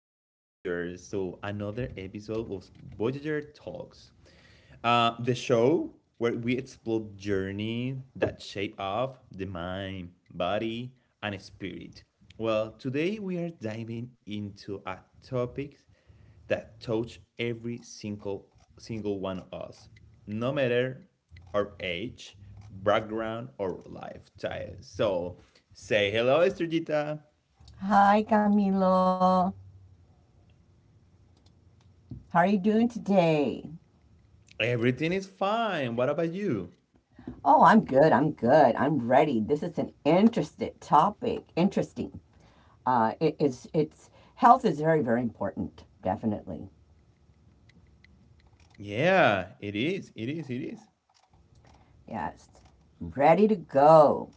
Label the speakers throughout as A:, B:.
A: back, Voyagers, to another episode of Voyager Talks, the show where we explore journeys that shape up the mind, body, and spirit. Well, today we are diving into a topic that touch every single one of us, no matter our age, background, or lifestyle. So, say hello, Estrellita.
B: Hi, Camilo. How are you doing today?
A: Everything is fine. What about you?
B: Oh, I'm good. I'm good. I'm ready. This is an interesting topic. Interesting. It's health is very, very important. Definitely.
A: Yeah, it is. It is. It is.
B: Yes. Ready to go.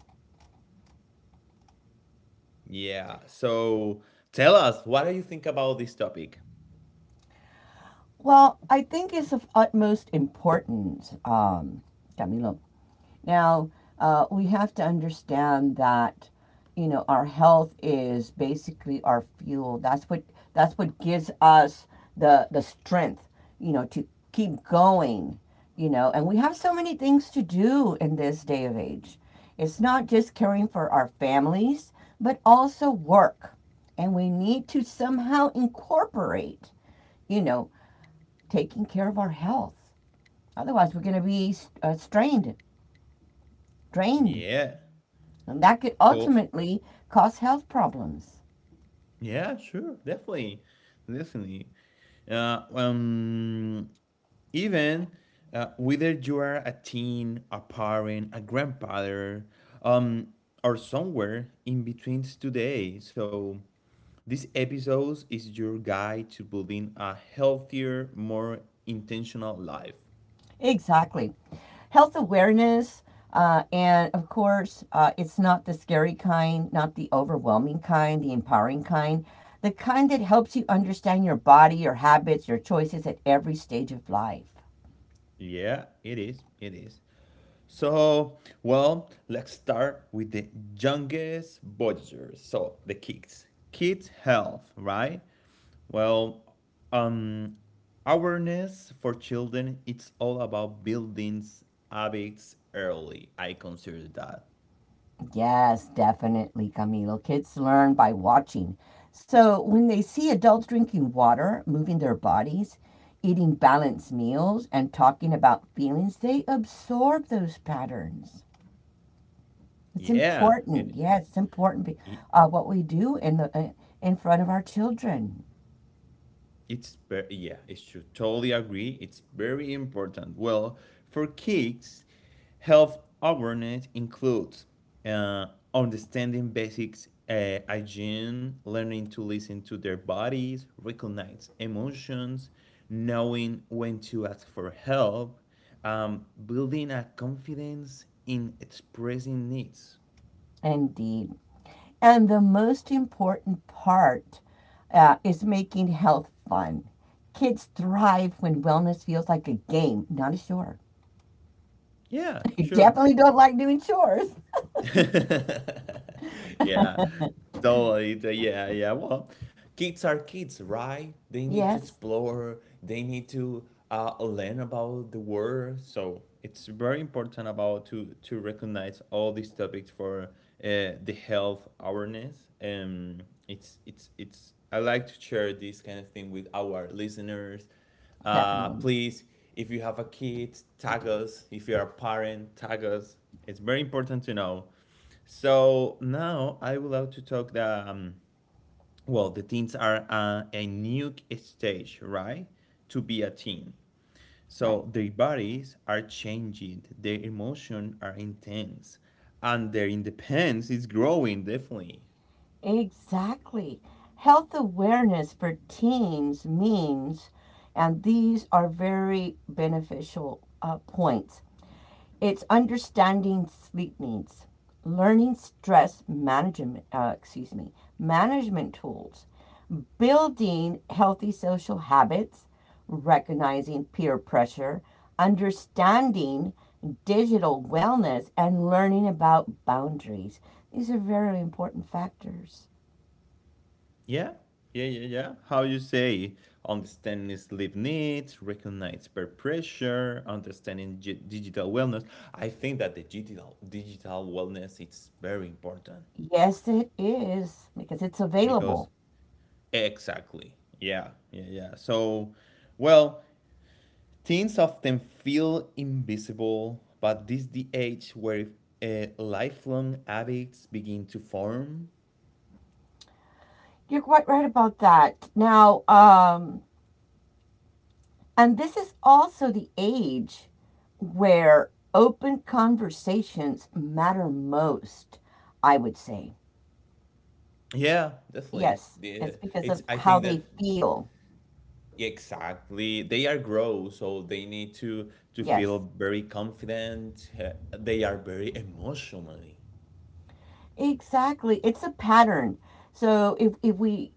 A: Yeah. So tell us, what do you think about this topic?
B: Well, I think it's of utmost importance, Camilo. Now, we have to understand that, our health is basically our fuel. That's what gives us the strength, to keep going. And we have so many things to do in this day of age. It's not just caring for our families, but also work. And we need to somehow incorporate, you know, taking care of our health. Otherwise, we're going to be strained, drained,
A: Yeah.
B: and that could
A: So,
B: ultimately cause health problems.
A: yeah, sure. Definitely. Definitely. Uh, um, even whether you are a teen, a parent, a grandfather, um, or somewhere in between today. So, this episode is your guide to building a healthier, more intentional life.
B: Exactly. Health awareness, and of course, it's not the scary kind, not the overwhelming kind, the empowering kind, the kind that helps you understand your body, your habits, your choices at every stage of life.
A: Yeah, it is. It is. So, well, let's start with the youngest voyagers. So, the kids. Kids' health, right? Well, um, awareness for children, it's all about building habits early. I consider that.
B: Yes, definitely, Camilo. Kids learn by watching. So when they see adults drinking water, moving their bodies, eating balanced meals, and talking about feelings, they absorb those patterns. It's
A: Yeah,
B: important.
A: it,
B: Yes, it's important what we do in the in front of our children.
A: It's very, yeah, it's true. Totally agree. It's very important. Well, for kids, health awareness includes uh, understanding basics, hygiene, learning to listen to their bodies, recognize emotions, knowing when to ask for help, building a confidence in expressing needs.
B: Indeed. And the most important part is making health fun. Kids thrive when wellness feels like a game, not a chore.
A: Yeah,
B: You
A: sure.
B: definitely don't like doing chores.
A: Yeah, totally. Yeah, yeah. Well, kids are kids, right? They need to
B: Yes,
A: explore, they need to learn about the world. So it's very important about to recognize all these topics for the health awareness. Um, I like to share this kind of thing with our listeners
B: definitely.
A: please, if you have a kid, tag us. If you're a parent, tag us. It's very important to know. So now I would like to talk the well, the teens are a new stage, right? To be a teen.
B: Right.
A: So their bodies are changing, their emotions are intense, and their independence is growing definitely.
B: Exactly. Health awareness for teens means, and these are very beneficial points. It's understanding sleep needs, learning stress management, excuse me, management tools, building healthy social habits, recognizing peer pressure, understanding digital wellness, and learning about boundaries. These are very important factors.
A: Yeah, yeah. How you say understanding sleep needs, recognize peer pressure, understanding digital wellness. I think that the digital wellness it's very important
B: Yes, it is, because it's
A: because
B: available.
A: exactly. Yeah, yeah, yeah. So, well, teens often feel invisible, but this the age where lifelong habits begin to form.
B: You're quite right about that. Now, and this is also the age where open conversations matter most, I would say.
A: Yeah, definitely.
B: Yes,
A: The,
B: it's because
A: it's
B: of
A: I
B: how
A: think that
B: they feel.
A: exactly. They are grow, so they need to
B: Yes,
A: feel very confident. They are very emotionally.
B: exactly. It's a pattern. So if we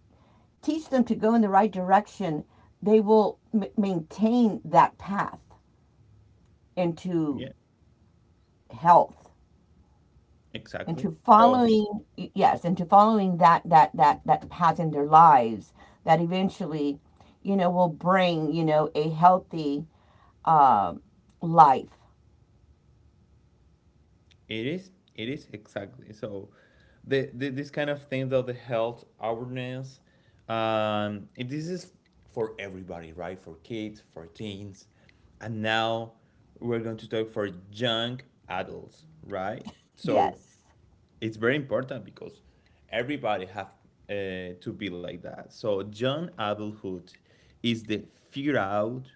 B: teach them to go in the right direction, they will maintain that path
A: Yeah,
B: into health. And
A: exactly.
B: to
A: So
B: following, yes, and to following that that path in their lives that eventually will bring a healthy um life.
A: it is exactly. So the this kind of thing of the health awareness this is for everybody, right? For kids, for teens. And now we're going to talk for young adults, right? So
B: Yes,
A: it's very important because everybody have to be like that. So young adulthood is the figure out.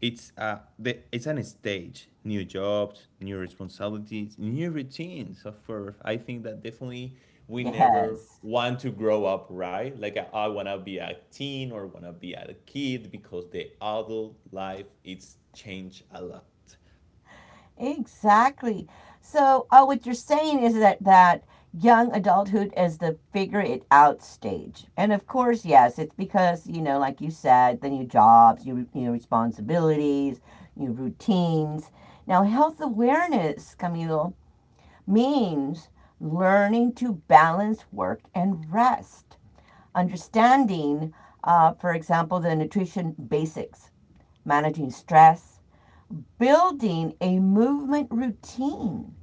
A: It's an stage. New jobs, new responsibilities, new routines. Of course, I think that definitely we never
B: yes,
A: want to grow up, right? Like I wanna be a teen or wanna be a kid because the adult life it's changed a lot.
B: exactly. So what you're saying is that young adulthood is the figure it out stage, and of course, yes, it's because, you know, like you said, the new jobs, new responsibilities, new routines. Now, health awareness, Camilo, means learning to balance work and rest, understanding, for example, the nutrition basics, managing stress, building a movement routine,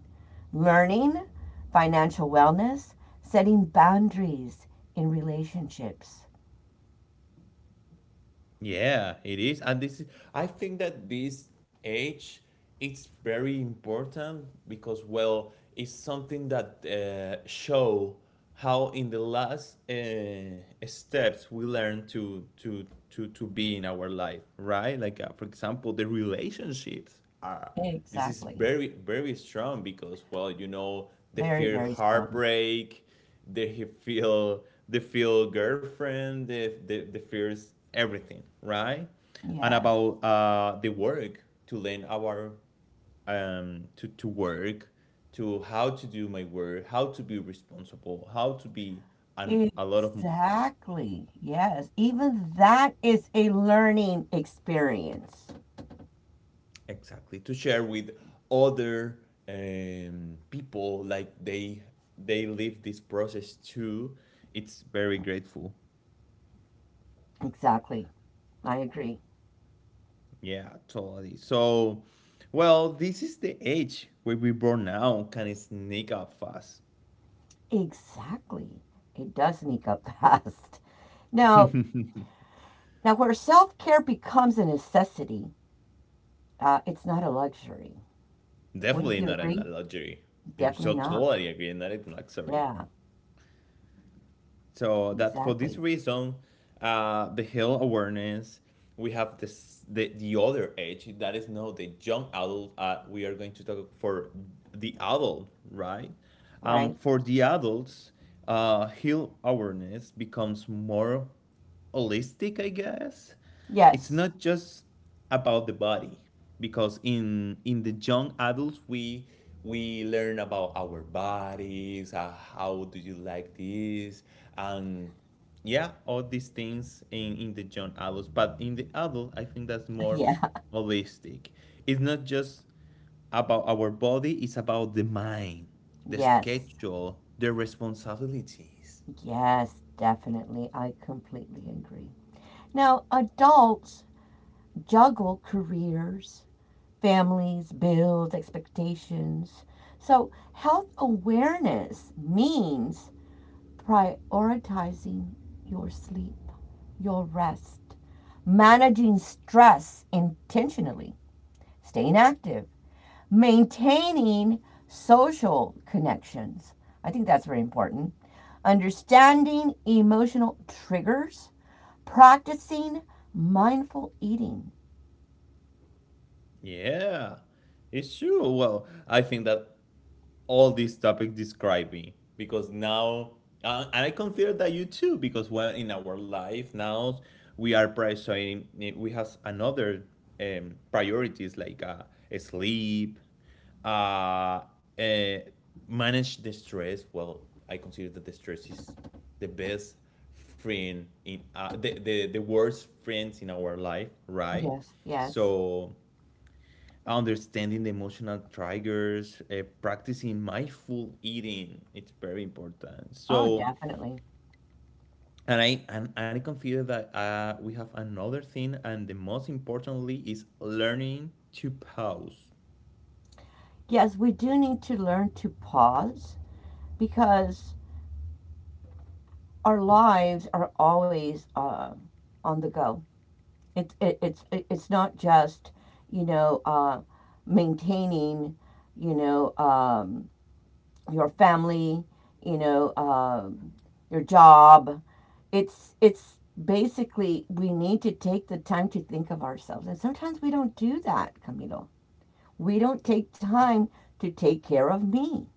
B: learning financial wellness, setting boundaries in relationships.
A: Yeah, it is. And this is, I think that this age it's very important because well, it's something that show how in the last steps we learn to be in our life, right? Like for example, the relationships are this is
B: Exactly.
A: very strong because well, you know, the
B: Very,
A: fear
B: very strong.
A: heartbreak, they feel girlfriend they feels everything, right? And
B: Yes.
A: about the work to learn our to work to how to do my work, how to be responsible, how to be and a lot of
B: Exactly. Yes. Even that is a learning experience.
A: exactly to share with other people like they live this process too, it's very grateful.
B: Exactly. I agree.
A: Yeah, totally. So, well, this is the age where we burnout can sneak up fast.
B: Exactly. It does sneak up fast. Now, now where self-care becomes a necessity, it's not a luxury. Wouldn't
A: Definitely
B: you
A: not in
B: agree?
A: a luxury.
B: Definitely
A: So
B: not.
A: totally agree, not in luxury.
B: Yeah,
A: So that for this
B: exactly.
A: reason, the health awareness we have this the other age that is now the young adult. We are going to talk for the adult, right?
B: Right?
A: For the adults, health awareness becomes more holistic, I guess. It's
B: Yes.
A: not just about the body because in the young adults we learn about our bodies, how do you like this, and yeah, all these things in the young adults, but in the adult I think that's more
B: Yeah.
A: holistic. It's not just about our body, it's about the mind, the
B: Yes.
A: schedule, the responsibilities.
B: Yes, definitely. I completely agree. Now, adults juggle careers, families, bills, expectations. So, health awareness means prioritizing your sleep, your rest, managing stress intentionally, staying active, maintaining social connections. I think that's very important. Understanding emotional triggers, practicing mindful eating.
A: Yeah, it's true. Well, I think that all these topics describe me because now and I consider that you too, because when in our life now we are prioritizing, we have another priorities like sleep uh, uh, manage the stress. Well, I consider that the stress is the best friend in the worst friends in our life, right?
B: Yes, yes.
A: So understanding the emotional triggers, practicing mindful eating, it's very important.
B: Oh,
A: So
B: definitely.
A: and I consider that we have another thing, and the most importantly is learning to pause.
B: Yes, we do need to learn to pause because our lives are always on the go. It's it, it's not just, you know uh, maintaining, you know um, your family, you know um your job. It's basically we need to take the time to think of ourselves, and sometimes we don't do that, Camilo. We don't take time to take care of me.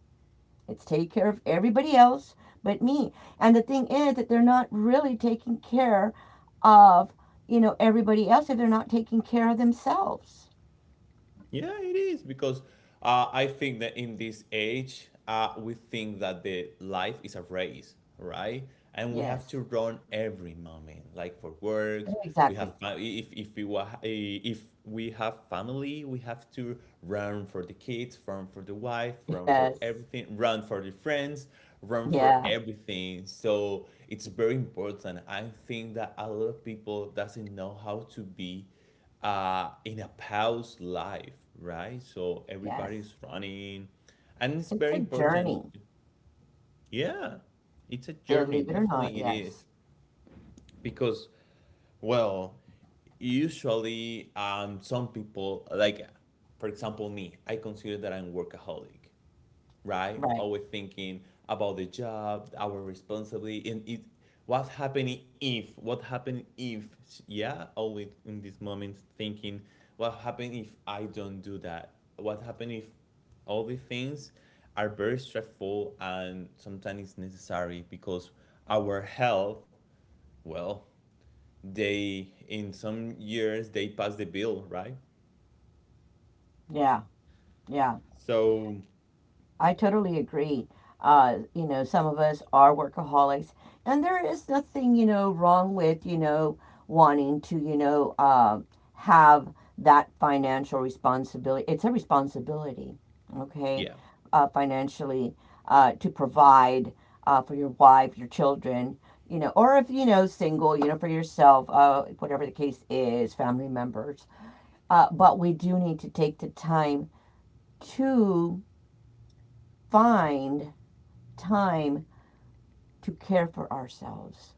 B: It's take care of everybody else but me. And the thing is that they're not really taking care of, everybody else if they're not taking care of themselves.
A: Yeah, it is because I think that in this age, we think that the life is a race, right? And we have to
B: Yes.
A: run every moment, like for work. We
B: Exactly.
A: have if we have family, we have to run for the kids, run for the wife, run for
B: Yes.
A: everything, run for the friends, run for
B: Yeah.
A: everything. So it's very important. I think that a lot of people doesn't know how to be in a paused life, right? So
B: Yes.
A: everybody's running, and it's
B: It's
A: very
B: a
A: important.
B: journey,
A: Yeah, it's a journey.
B: believe it or not.
A: Definitely, it is
B: Yes.
A: because, well, usually, some people like, for example, me. I consider that I'm workaholic, right?
B: Right.
A: Always thinking about the job, our responsibility, and it what's happening if, what happened if, yeah, always in these moments thinking, what happened if I don't do that? What happened if all these things are very stressful, and sometimes it's necessary because our health, well, they in some years they pass the bill, right?
B: Yeah. Yeah.
A: So
B: I totally agree. Some of us are workaholics, and there is nothing, wrong with, you know, wanting to, have that financial responsibility. It's a responsibility, okay,
A: yeah,
B: financially to provide for your wife, your children, or if, single, for yourself, whatever the case is, family members. But we do need to take the time to find time to care for ourselves.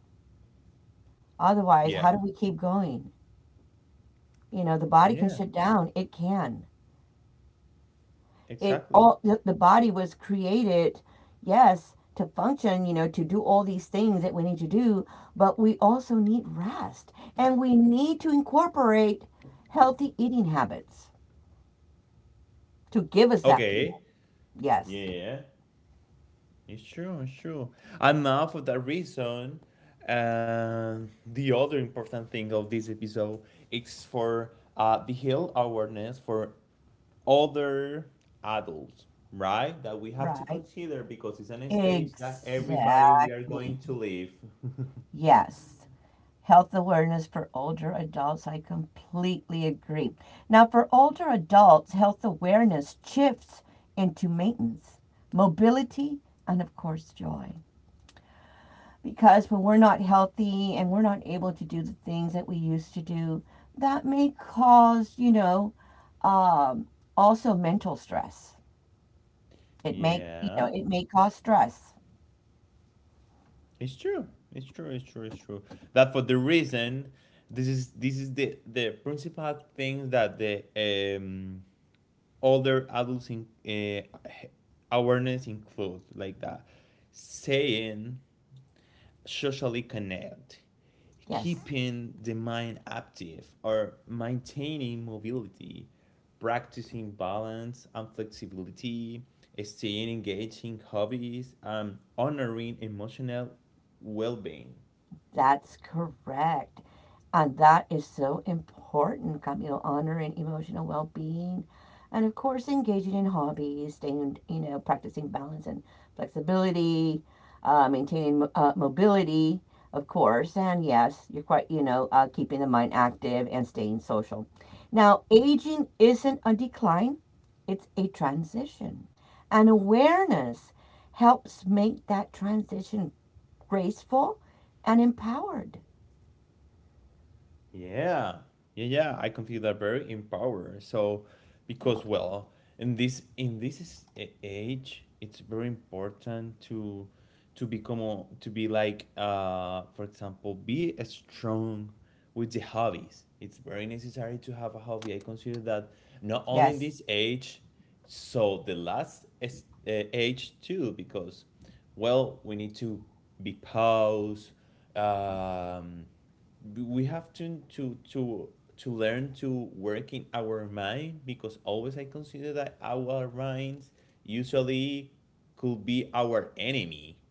B: Otherwise,
A: yeah,
B: how do we keep going? You know, the body can
A: yeah,
B: shut down. It can. It
A: exactly.
B: all the, the body was created, yes, to function, to do all these things that we need to do, but we also need rest. And we need to incorporate healthy eating habits to give us that fuel.
A: Okay,
B: Yes.
A: yeah. It's true, it's true. And now, for that reason, and the other important thing of this episode is for the health awareness for other adults, right? That we have to
B: Right.
A: consider because it's an stage that everybody we are going
B: Exactly.
A: to live.
B: Yes. Health awareness for older adults. I completely agree. Now, for older adults, health awareness shifts into maintenance, mobility, and of course, joy. Because when we're not healthy and we're not able to do the things that we used to do, that may cause, um, also mental stress.
A: Yeah,
B: It may cause stress.
A: it's true. It's true. It's true. It's true. That for the reason, this is the principal thing that the older adults in awareness include like that saying socially connect,
B: Yes.
A: keeping the mind active or maintaining mobility, practicing balance and flexibility, staying engaged in hobbies, and honoring emotional well-being.
B: That's correct. And that is so important, Camille, honoring emotional well being. And of course, engaging in hobbies, staying, practicing balance and flexibility, uh, maintaining mobility, of course. And yes, you're quite, keeping the mind active and staying social. Now, aging isn't a decline, it's a transition. And awareness helps make that transition graceful and empowered.
A: Yeah, yeah, yeah. I consider that very empowering. So, because
B: Yep.
A: well, in this age, it's very important to become to be like for example, be a strong with the hobbies. It's very necessary to have a hobby. I consider that not only in
B: Yes.
A: this age, so the last is, age too, because well, we need to be paused. Um, we have to learn to work in our mind because always I consider that our minds usually could be our enemy.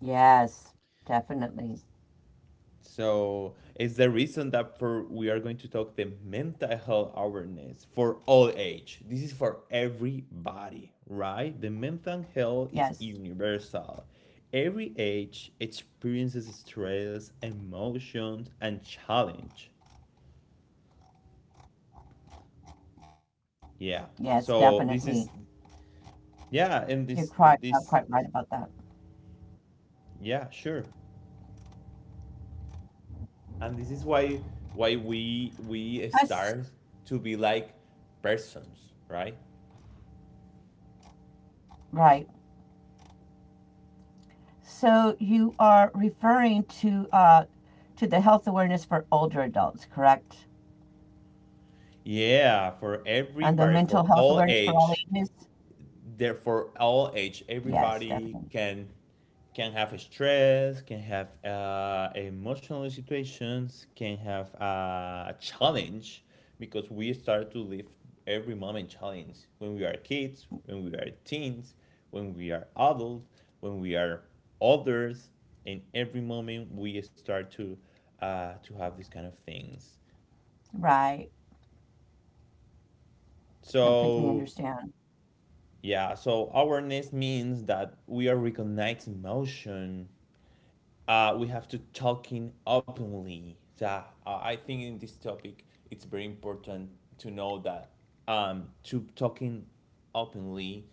B: Yes. Definitely.
A: So it's the reason that for we are going to talk the mental health awareness for all age. This is for
B: Yes.
A: everybody, right? The mental health is universal. Every age experiences stress, emotions, and challenge.
B: Yes. Definitely.
A: Yeah. So this
B: You're
A: is
B: quite right about that.
A: yeah, and this this yeah, sure, and this is why
B: Yes.
A: why we start to be like persons, right?
B: Right. So you are referring to the health awareness for older adults, correct? And the mental
A: Yeah,
B: health
A: for
B: awareness for all
A: everybody,
B: ages.
A: for all age. They're for
B: Yes.
A: all
B: Definitely.
A: age. Everybody can have stress, can have emotional situations, can have a challenge because we start to live every moment challenge when we are kids, when we are teens, when we are adults, when we are others. In every moment, we start to have these kind of things.
B: Right. Completely
A: So
B: understand.
A: yeah, so awareness means that we are recognizing emotion, we have to talking openly. So I think in this topic, it's very important to know that to talking openly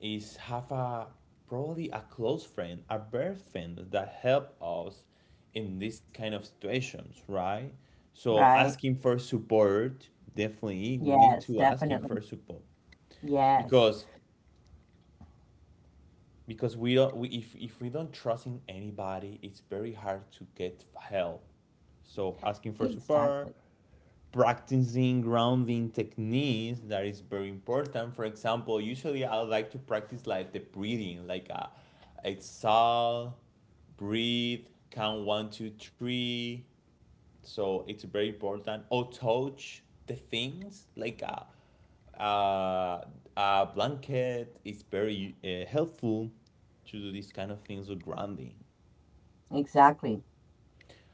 A: is have a probably a close friend, a best friend that help us in this kind of situations, right? So
B: Right.
A: asking for support, definitely we need
B: Yes.
A: to ask him
B: Definitely.
A: for support
B: Yes.
A: because because we don't we, if we don't trust in anybody, it's very hard to get help. So asking for
B: Exactly.
A: support, practicing grounding techniques, that is very important. For example, usually I like to practice like the breathing like a exhale, breathe, count 1, 2, 3. So it's very important. Or touch the things like a, a blanket is very helpful to do these kind of things with grounding.
B: Exactly.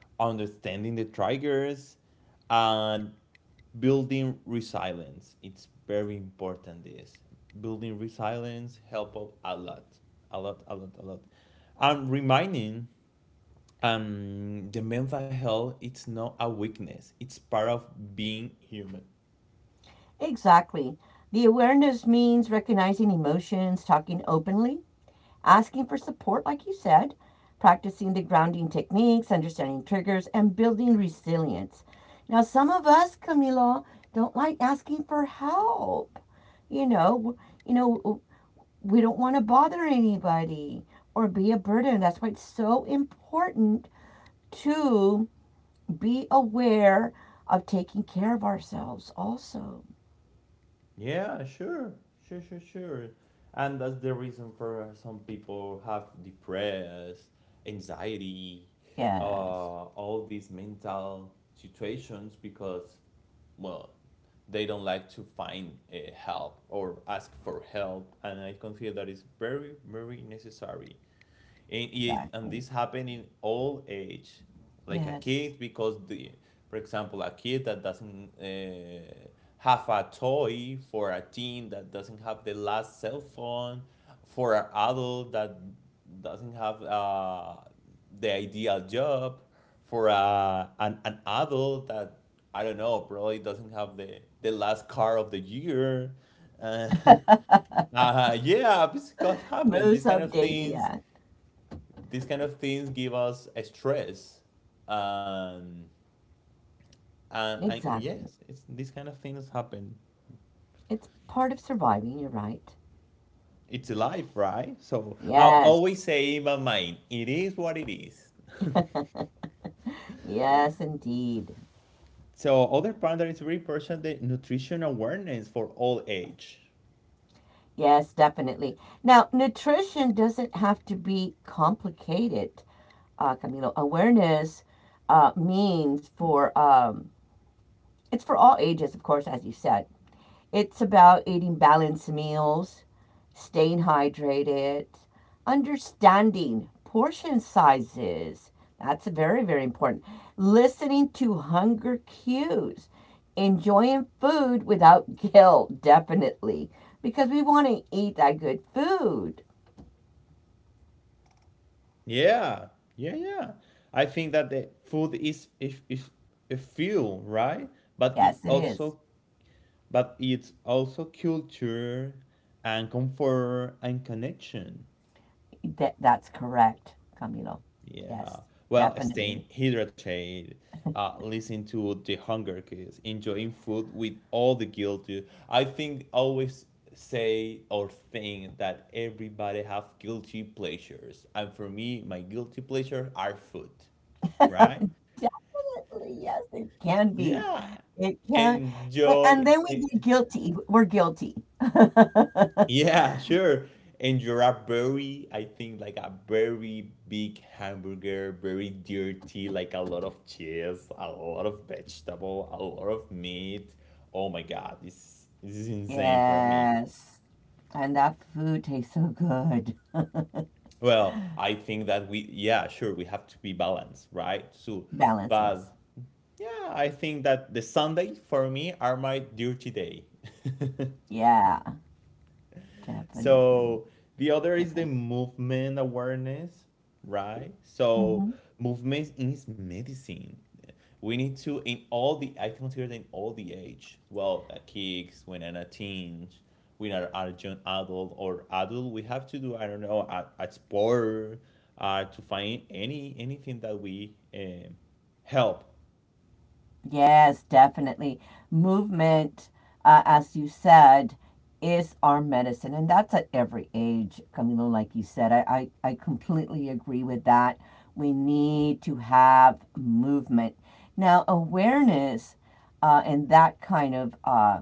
A: Understanding the triggers and building resilience. It's very important this. Building resilience helps a lot. A lot, a lot, a lot. And reminding the mental health it's not a weakness. It's part of being human.
B: Exactly. The awareness means recognizing emotions, talking openly, asking for support, like you said, practicing the grounding techniques, understanding triggers, and building resilience. Now, some of us, Camilo, don't like asking for help. You know, w- you know, w- we don't want to bother anybody or be a burden. That's why it's so important to be aware of taking care of ourselves also.
A: Yeah, sure, sure, sure, sure. And that's the reason for some people have depressed, anxiety,
B: Yes.
A: all these mental situations because, well, they don't like to find help or ask for help. And I consider that is very, very necessary and and
B: Exactly.
A: this happen in all age like a
B: Yes.
A: kid because the for example a kid that doesn't have a toy, for a teen that doesn't have the last cell phone, for an adult that doesn't have the ideal job, for an adult that I don't know probably doesn't have the last car of the year. uh, yeah, because happen
B: Most
A: these kind of
B: updated.
A: things.
B: Yeah.
A: These kind of things give us a stress. um, and
B: Exactly.
A: yes, it's these kind of things happen.
B: It's part of surviving. You're right.
A: It's life, right? So I
B: Yes.
A: always say in my mind, it is what it is.
B: Yes, indeed.
A: So other part that is very important, the nutrition awareness for all age.
B: Yes, definitely. Now, nutrition doesn't have to be complicated, Camilo. Awareness means for it's for all ages, of course, as you said. It's about eating balanced meals, staying hydrated, understanding portion sizes. That's very, very important. Listening to hunger cues, enjoying food without guilt, definitely, because we want to eat that good food.
A: Yeah, yeah, yeah. I think that the food is, if a fuel, right? But it
B: Yes, it is.
A: also, but it's also culture and comfort and connection.
B: That, that's correct, Camilo. Yes,
A: Yeah. Well, staying
B: definitely.
A: hydrated, listening to the hunger cues, enjoying food with all the guilt. Too. I think always say or think that everybody have guilty pleasures. And for me, my guilty pleasure are food, right?
B: Definitely, yes, it can be.
A: Yeah.
B: It can, a
A: Enjoy.
B: and then we get guilty. We're guilty.
A: Yeah, sure. And you're a very, I think, like a very big hamburger, very dirty, like a lot of cheese, a lot of vegetable, a lot of meat. Oh my God, this is insane for me.
B: Yes, and that food tastes so good.
A: Well, I think that we, yeah, sure, we have to be balanced, right? So,
B: Balance, yes.
A: but yeah, I think that the Sunday for me are my dirty day.
B: Yeah, definitely.
A: So the other is the
B: Different.
A: movement awareness, right? So
B: Mhm.
A: movement is medicine. We need to, in all the, I consider that in all the age. Well, that kids, when an a teen, when are a young adult or adult, we have to do, I don't know, at sport, to find anything that we help.
B: Yes, definitely. Movement, as you said, is our medicine. And that's at every age, Camilo, like you said. I completely agree with that. We need to have movement. Now, awareness in that kind of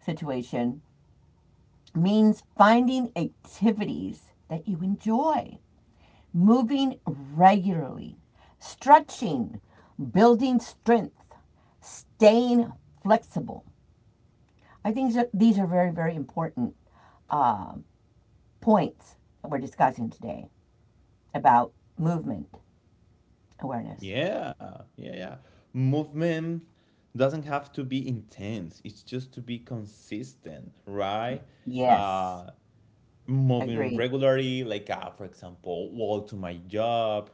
B: situation means finding activities that you enjoy, moving regularly, stretching, building strength, staying flexible. I think these are very, very important uh, points that we're discussing today about movement awareness.
A: Yeah, yeah, yeah. Movement doesn't have to be intense. It's just to be consistent, right?
B: Yes,
A: Uh, moving
B: agree.
A: regularly, like for example, walk to my job,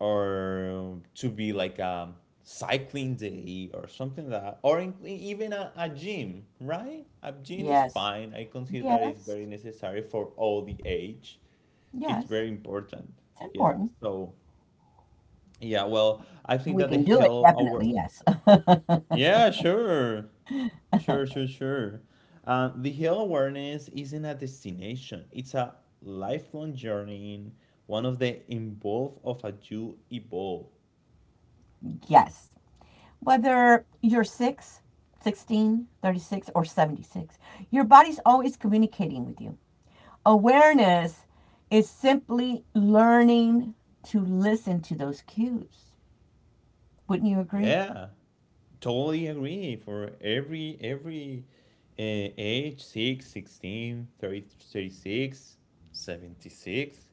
A: or to be like a cycling day or something like that, or even a gym, right? A gym is
B: Yes,
A: fine. I consider that it's
B: yes,
A: very necessary for all the age. It's
B: yes.
A: very important.
B: It's
A: Yeah.
B: important.
A: So yeah, well, I think
B: We
A: that the
B: can do it,
A: Hill award.
B: definitely, yes.
A: Yeah, sure, sure, sure, sure. The Hill awareness isn't a destination; it's a lifelong journey. One of the involve of a you evolve.
B: Yes. Whether you're 6, 16, 36, or 76, your body's always communicating with you. Awareness is simply learning to listen to those cues. Wouldn't you agree?
A: Yeah, totally agree. For every age, 6, 16, 30, 36, 76.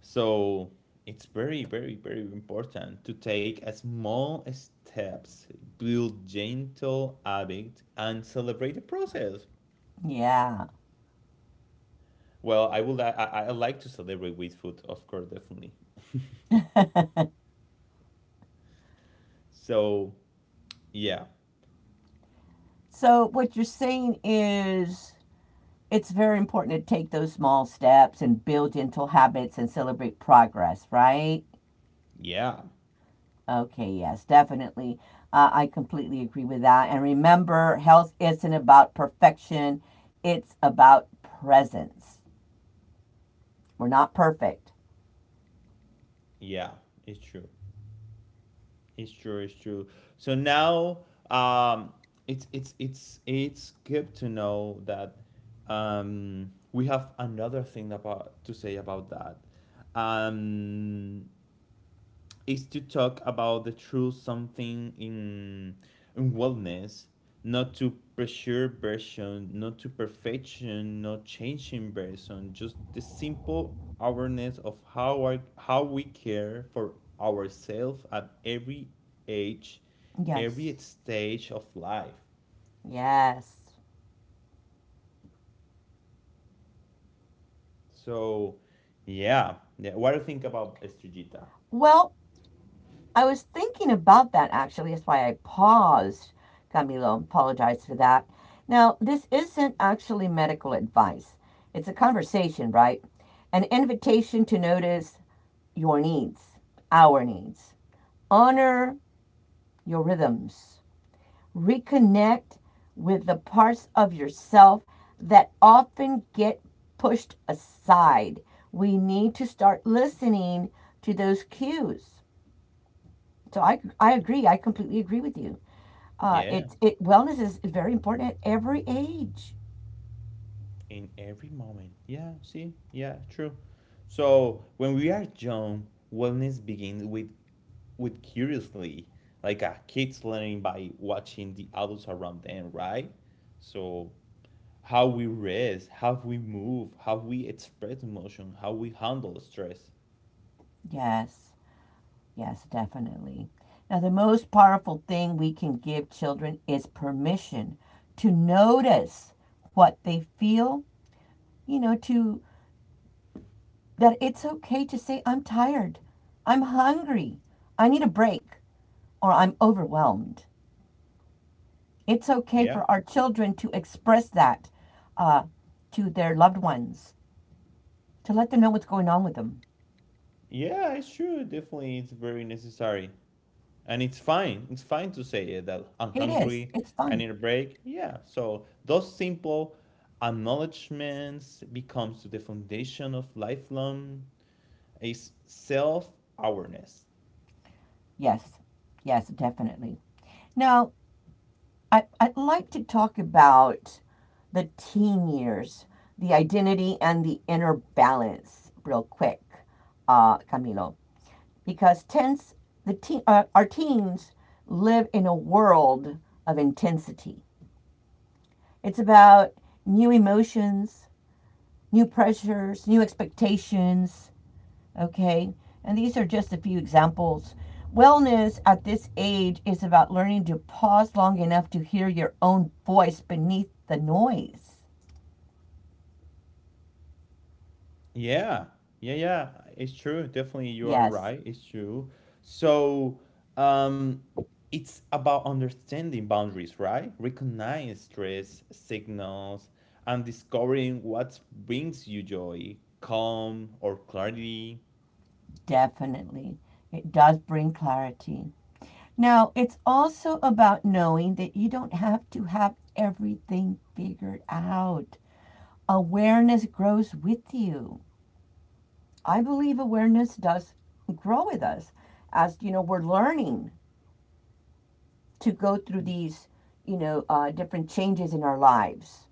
A: So it's very, very, very important to take a small steps, build gentle habit, and celebrate the process.
B: Yeah.
A: Well, I would I like to celebrate with food, of course, definitely. So yeah,
B: So, what you're saying is it's very important to take those small steps and build gentle habits and celebrate progress, right?
A: yeah,
B: Okay, yes, definitely. I completely agree with that. And remember, health isn't about perfection, it's about presence. We're not perfect.
A: yeah, it's true. It's true, it's true. So now, um it's good to know that we have another thing about to say about that. um is to talk about the truth, something in wellness. Not to pressure version, not to perfection, not changing version, just the simple awareness of how we care for ourselves at every age,
B: Yes,
A: every stage of life.
B: yes.
A: So yeah, yeah, what do you think about Estrellita?
B: Well, I was thinking about that actually. That's why I paused, Camilo. Apologize for that. Now, this isn't actually medical advice, it's a conversation, right? An invitation to notice your needs, our needs. Honor your rhythms, reconnect with the parts of yourself that often get pushed aside. We need to start listening to those cues. So I agree. I completely agree with you.
A: Yeah,
B: It, it wellness is very important at every age.
A: in every moment. Yeah, see? Yeah, true. So when we are young, wellness begins with curiously, like a kids learning by watching the adults around them, right? So how we rest, how we move, how we express emotion, how we handle stress.
B: Yes, yes, definitely. Now, the most powerful thing we can give children is permission to notice what they feel, to that it's okay to say, I'm tired, I'm hungry, I need a break, or I'm overwhelmed. It's okay
A: Yeah.
B: for our children to express that uh, to their loved ones, to let them know what's going on with them.
A: Yeah, it's true. Definitely it's very necessary. And it's fine to say it, that I'm
B: It is,
A: hungry,
B: it's
A: I
B: fine.
A: need a break, yeah. So those simple acknowledgments becomes the foundation of lifelong is self-awareness.
B: Yes, yes, definitely. Now, I'd like to talk about the teen years, the identity and the inner balance, real quick, Camilo. Because our teens live in a world of intensity. It's about new emotions, new pressures, new expectations, okay? And these are just a few examples. Wellness at this age is about learning to pause long enough to hear your own voice beneath the noise.
A: Yeah, yeah, yeah, it's true, definitely, you are
B: Yes,
A: right, it's true. So um it's about understanding boundaries, right, recognize stress signals and discovering what brings you joy, calm, or clarity.
B: definitely. It does bring clarity. Now, it's also about knowing that you don't have to have everything figured out. Awareness grows with you. I believe awareness does grow with us as, we're learning to go through
A: Y-
B: these, different changes in our lives.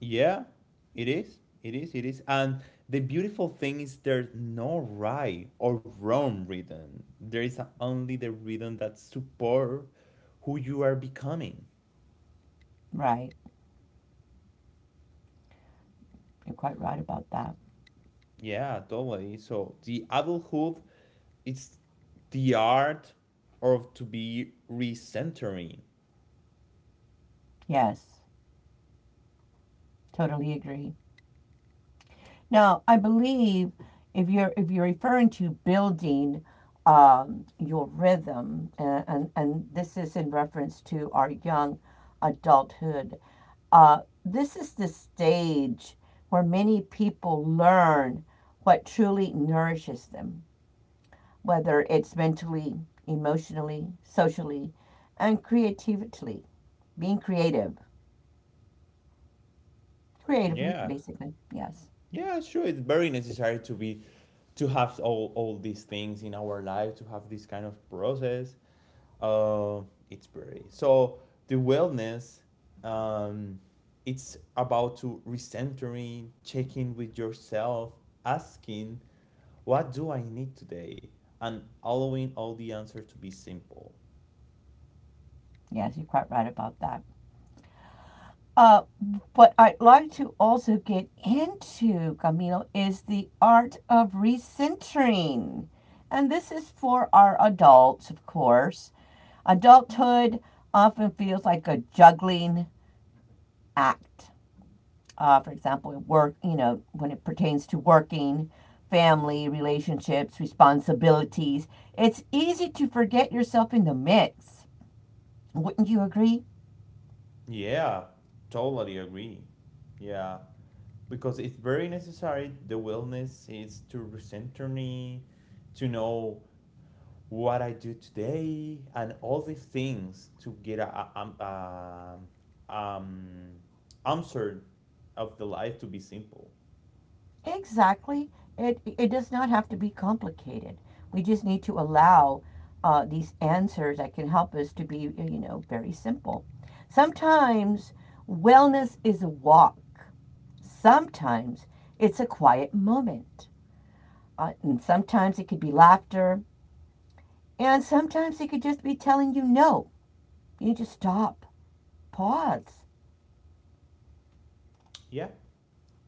A: Yeah, it is. It is. It is. And the beautiful thing is there's no right or wrong rhythm. There is only the rhythm that support who you are becoming.
B: Right. You're quite right about that.
A: Yeah, totally. So the adulthood, it's the art of to be recentering.
B: Yes. Totally agree. Now, I believe if you're referring to building, your rhythm, and, and this is in reference to our young adulthood, this is the stage where many people learn what truly nourishes them, whether it's mentally, emotionally, socially, and creatively, being creative, creatively,
A: Yeah.
B: basically. Yes,
A: Yeah, sure. It's very necessary to have all these things in our life, to have this kind of process. Uh, it's pretty. So the wellness, um, it's about to recentering, checking with yourself, asking, what do I need today? And allowing all the answer to be simple.
B: yes, you're quite right about that. Uh, what I'd like to also get into, Camilo, is the art of recentering. And this is for our adults, of course. Adulthood often feels like a juggling act. For example, work, when it pertains to working, family, relationships, responsibilities, it's easy to forget yourself in the mix. Wouldn't you agree?
A: Yeah, totally agree. Yeah, because it's very necessary. The wellness is to recenter me, to know what I do today, and all these things to get a, um, answer of the life to be simple.
B: Exactly. It does not have to be complicated. We just need to allow these answers that can help us to be, very simple. Sometimes wellness is a walk. Sometimes it's a quiet moment. And sometimes it could be laughter. And sometimes it could just be telling you no. You just stop, pause.
A: Yeah,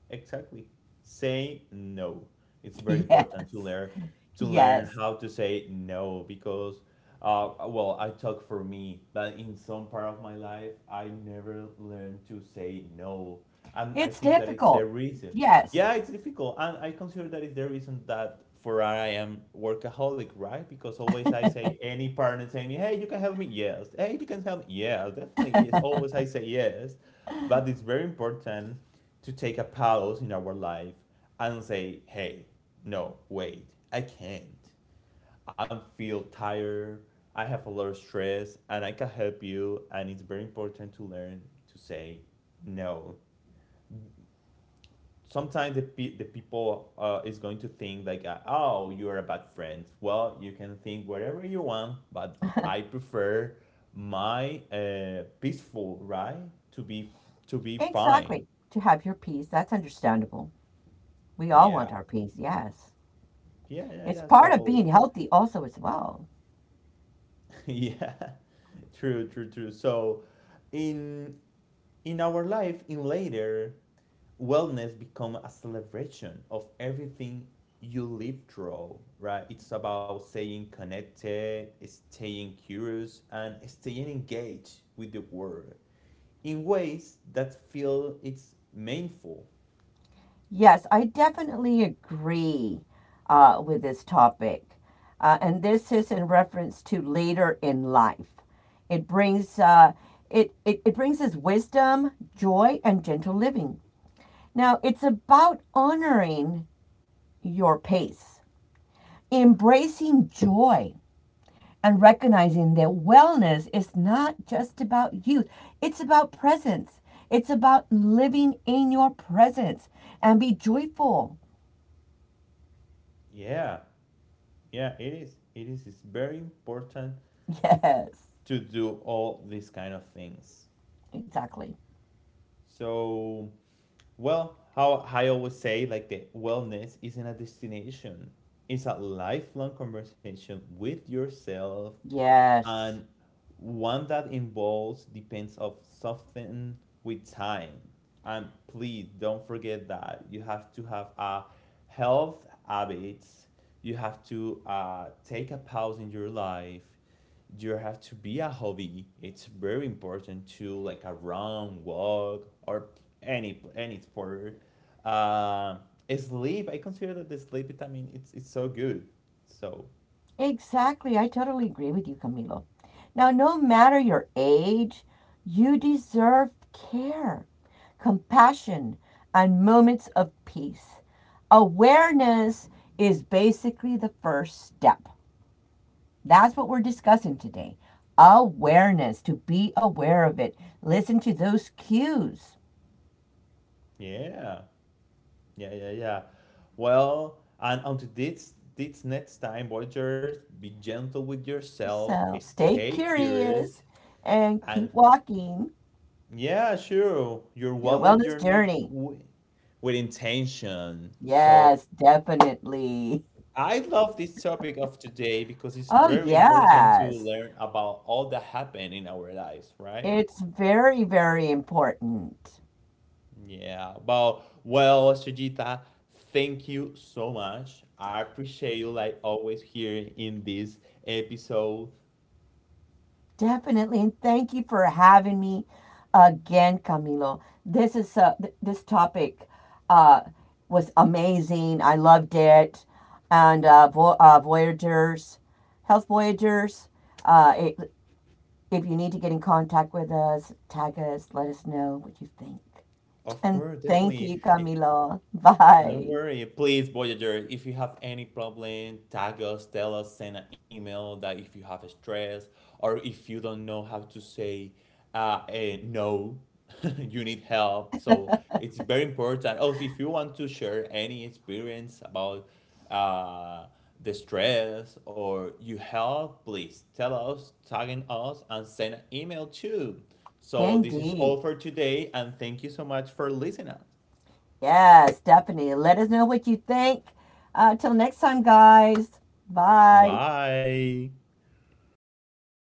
A: exactly. Say no. It's very important to
B: Yes,
A: learn to learn
B: yes.
A: how to say no, because well, I talk for me, but in some part of my life I never learned to say no. And I
B: It's
A: think that is the
B: difficult.
A: reason.
B: Yes.
A: Yeah, it's difficult. And I consider that is the reason that for I am workaholic, right? Because always I say, any partner saying me, hey, you can help me, yes. Hey, you can help me, yeah, definitely, yes. Always I say yes. But it's very important to take a pause in our life and say, hey, no, wait, I can't. I feel tired. I have a lot of stress and I can help you. And it's very important to learn to say no. Sometimes the people is going to think like, oh, you are a bad friend. Well, you can think whatever you want, but I prefer my peaceful, right, to be to be fine.
B: Exactly. To have your peace, that's understandable. We all want
A: Yeah,
B: our peace, yes.
A: yeah, yeah,
B: It's
A: yeah.
B: part of
A: So
B: being healthy, also, as well.
A: yeah, true, true, true. So in in our life in later, wellness become a celebration of everything you live through, right? It's about staying connected, staying curious, and staying engaged with the world in ways that feel it's meaningful.
B: Yes, I definitely agree with this topic. And this is in reference to later in life. It brings it brings us wisdom, joy, and gentle living. Now, it's about honoring your pace, embracing joy, and recognizing that wellness is not just about youth, it's about presence. It's about living in your presence and be joyful.
A: Yeah, yeah, it is. It is. It's very important
B: Yes,
A: to do all these kind of things.
B: exactly.
A: So, well, how I always say, like the wellness isn't a destination. It's a lifelong conversation with yourself,
B: Yes,
A: and one that involves depends of something with time. And please don't forget that you have to have a health habits. You have to take a pause in your life. You have to be a hobby. It's very important to like a run, walk, or any sport. Uh, Sleep. I consider that the sleep vitamin. It's so good. So
B: exactly. I totally agree with you, Camilo. Now, no matter your age, you deserve care, compassion, and moments of peace. Awareness is basically the first step. That's what we're discussing today. Awareness, to be aware of it. Listen to those cues.
A: yeah. Yeah, yeah, yeah. Well, and until this next time, Voyagers, be gentle with yourself,
B: So stay
A: stay curious,
B: curious and
A: and
B: keep walking
A: yeah, sure, your
B: your
A: wellness
B: wellness
A: journey
B: journey.
A: with intention. So
B: Yes, definitely.
A: I love this topic of today because it's
B: Oh,
A: very important to
B: yes.
A: learn about all that happened in our lives, right?
B: It's very, very important.
A: Yeah. Well, Sujita, thank you so much. I appreciate you, like always, here in this episode.
B: Definitely, and thank you for having me again, Camilo. This is this topic uh, was amazing. I loved it, and Voyagers, Health Voyagers. Uh, it, if you need to get in contact with us, tag us. Let us know what you think.
A: Of
B: And
A: course,
B: thank
A: definitely.
B: you, Camilo.
A: Don't
B: Bye.
A: worry, please, Voyager. If you have any problem, tag us, tell us, send an email. That if you have stress or if you don't know how to say, no, you need help. So it's very important. Also, if you want to share any experience about uh, the stress or you help, please tell us, tagging us, and send an email too. So this is
B: Indeed.
A: all for today, and thank you so much for listening.
B: Yes, definitely. Let us know what you think. Till next time, guys. Bye.
A: Bye.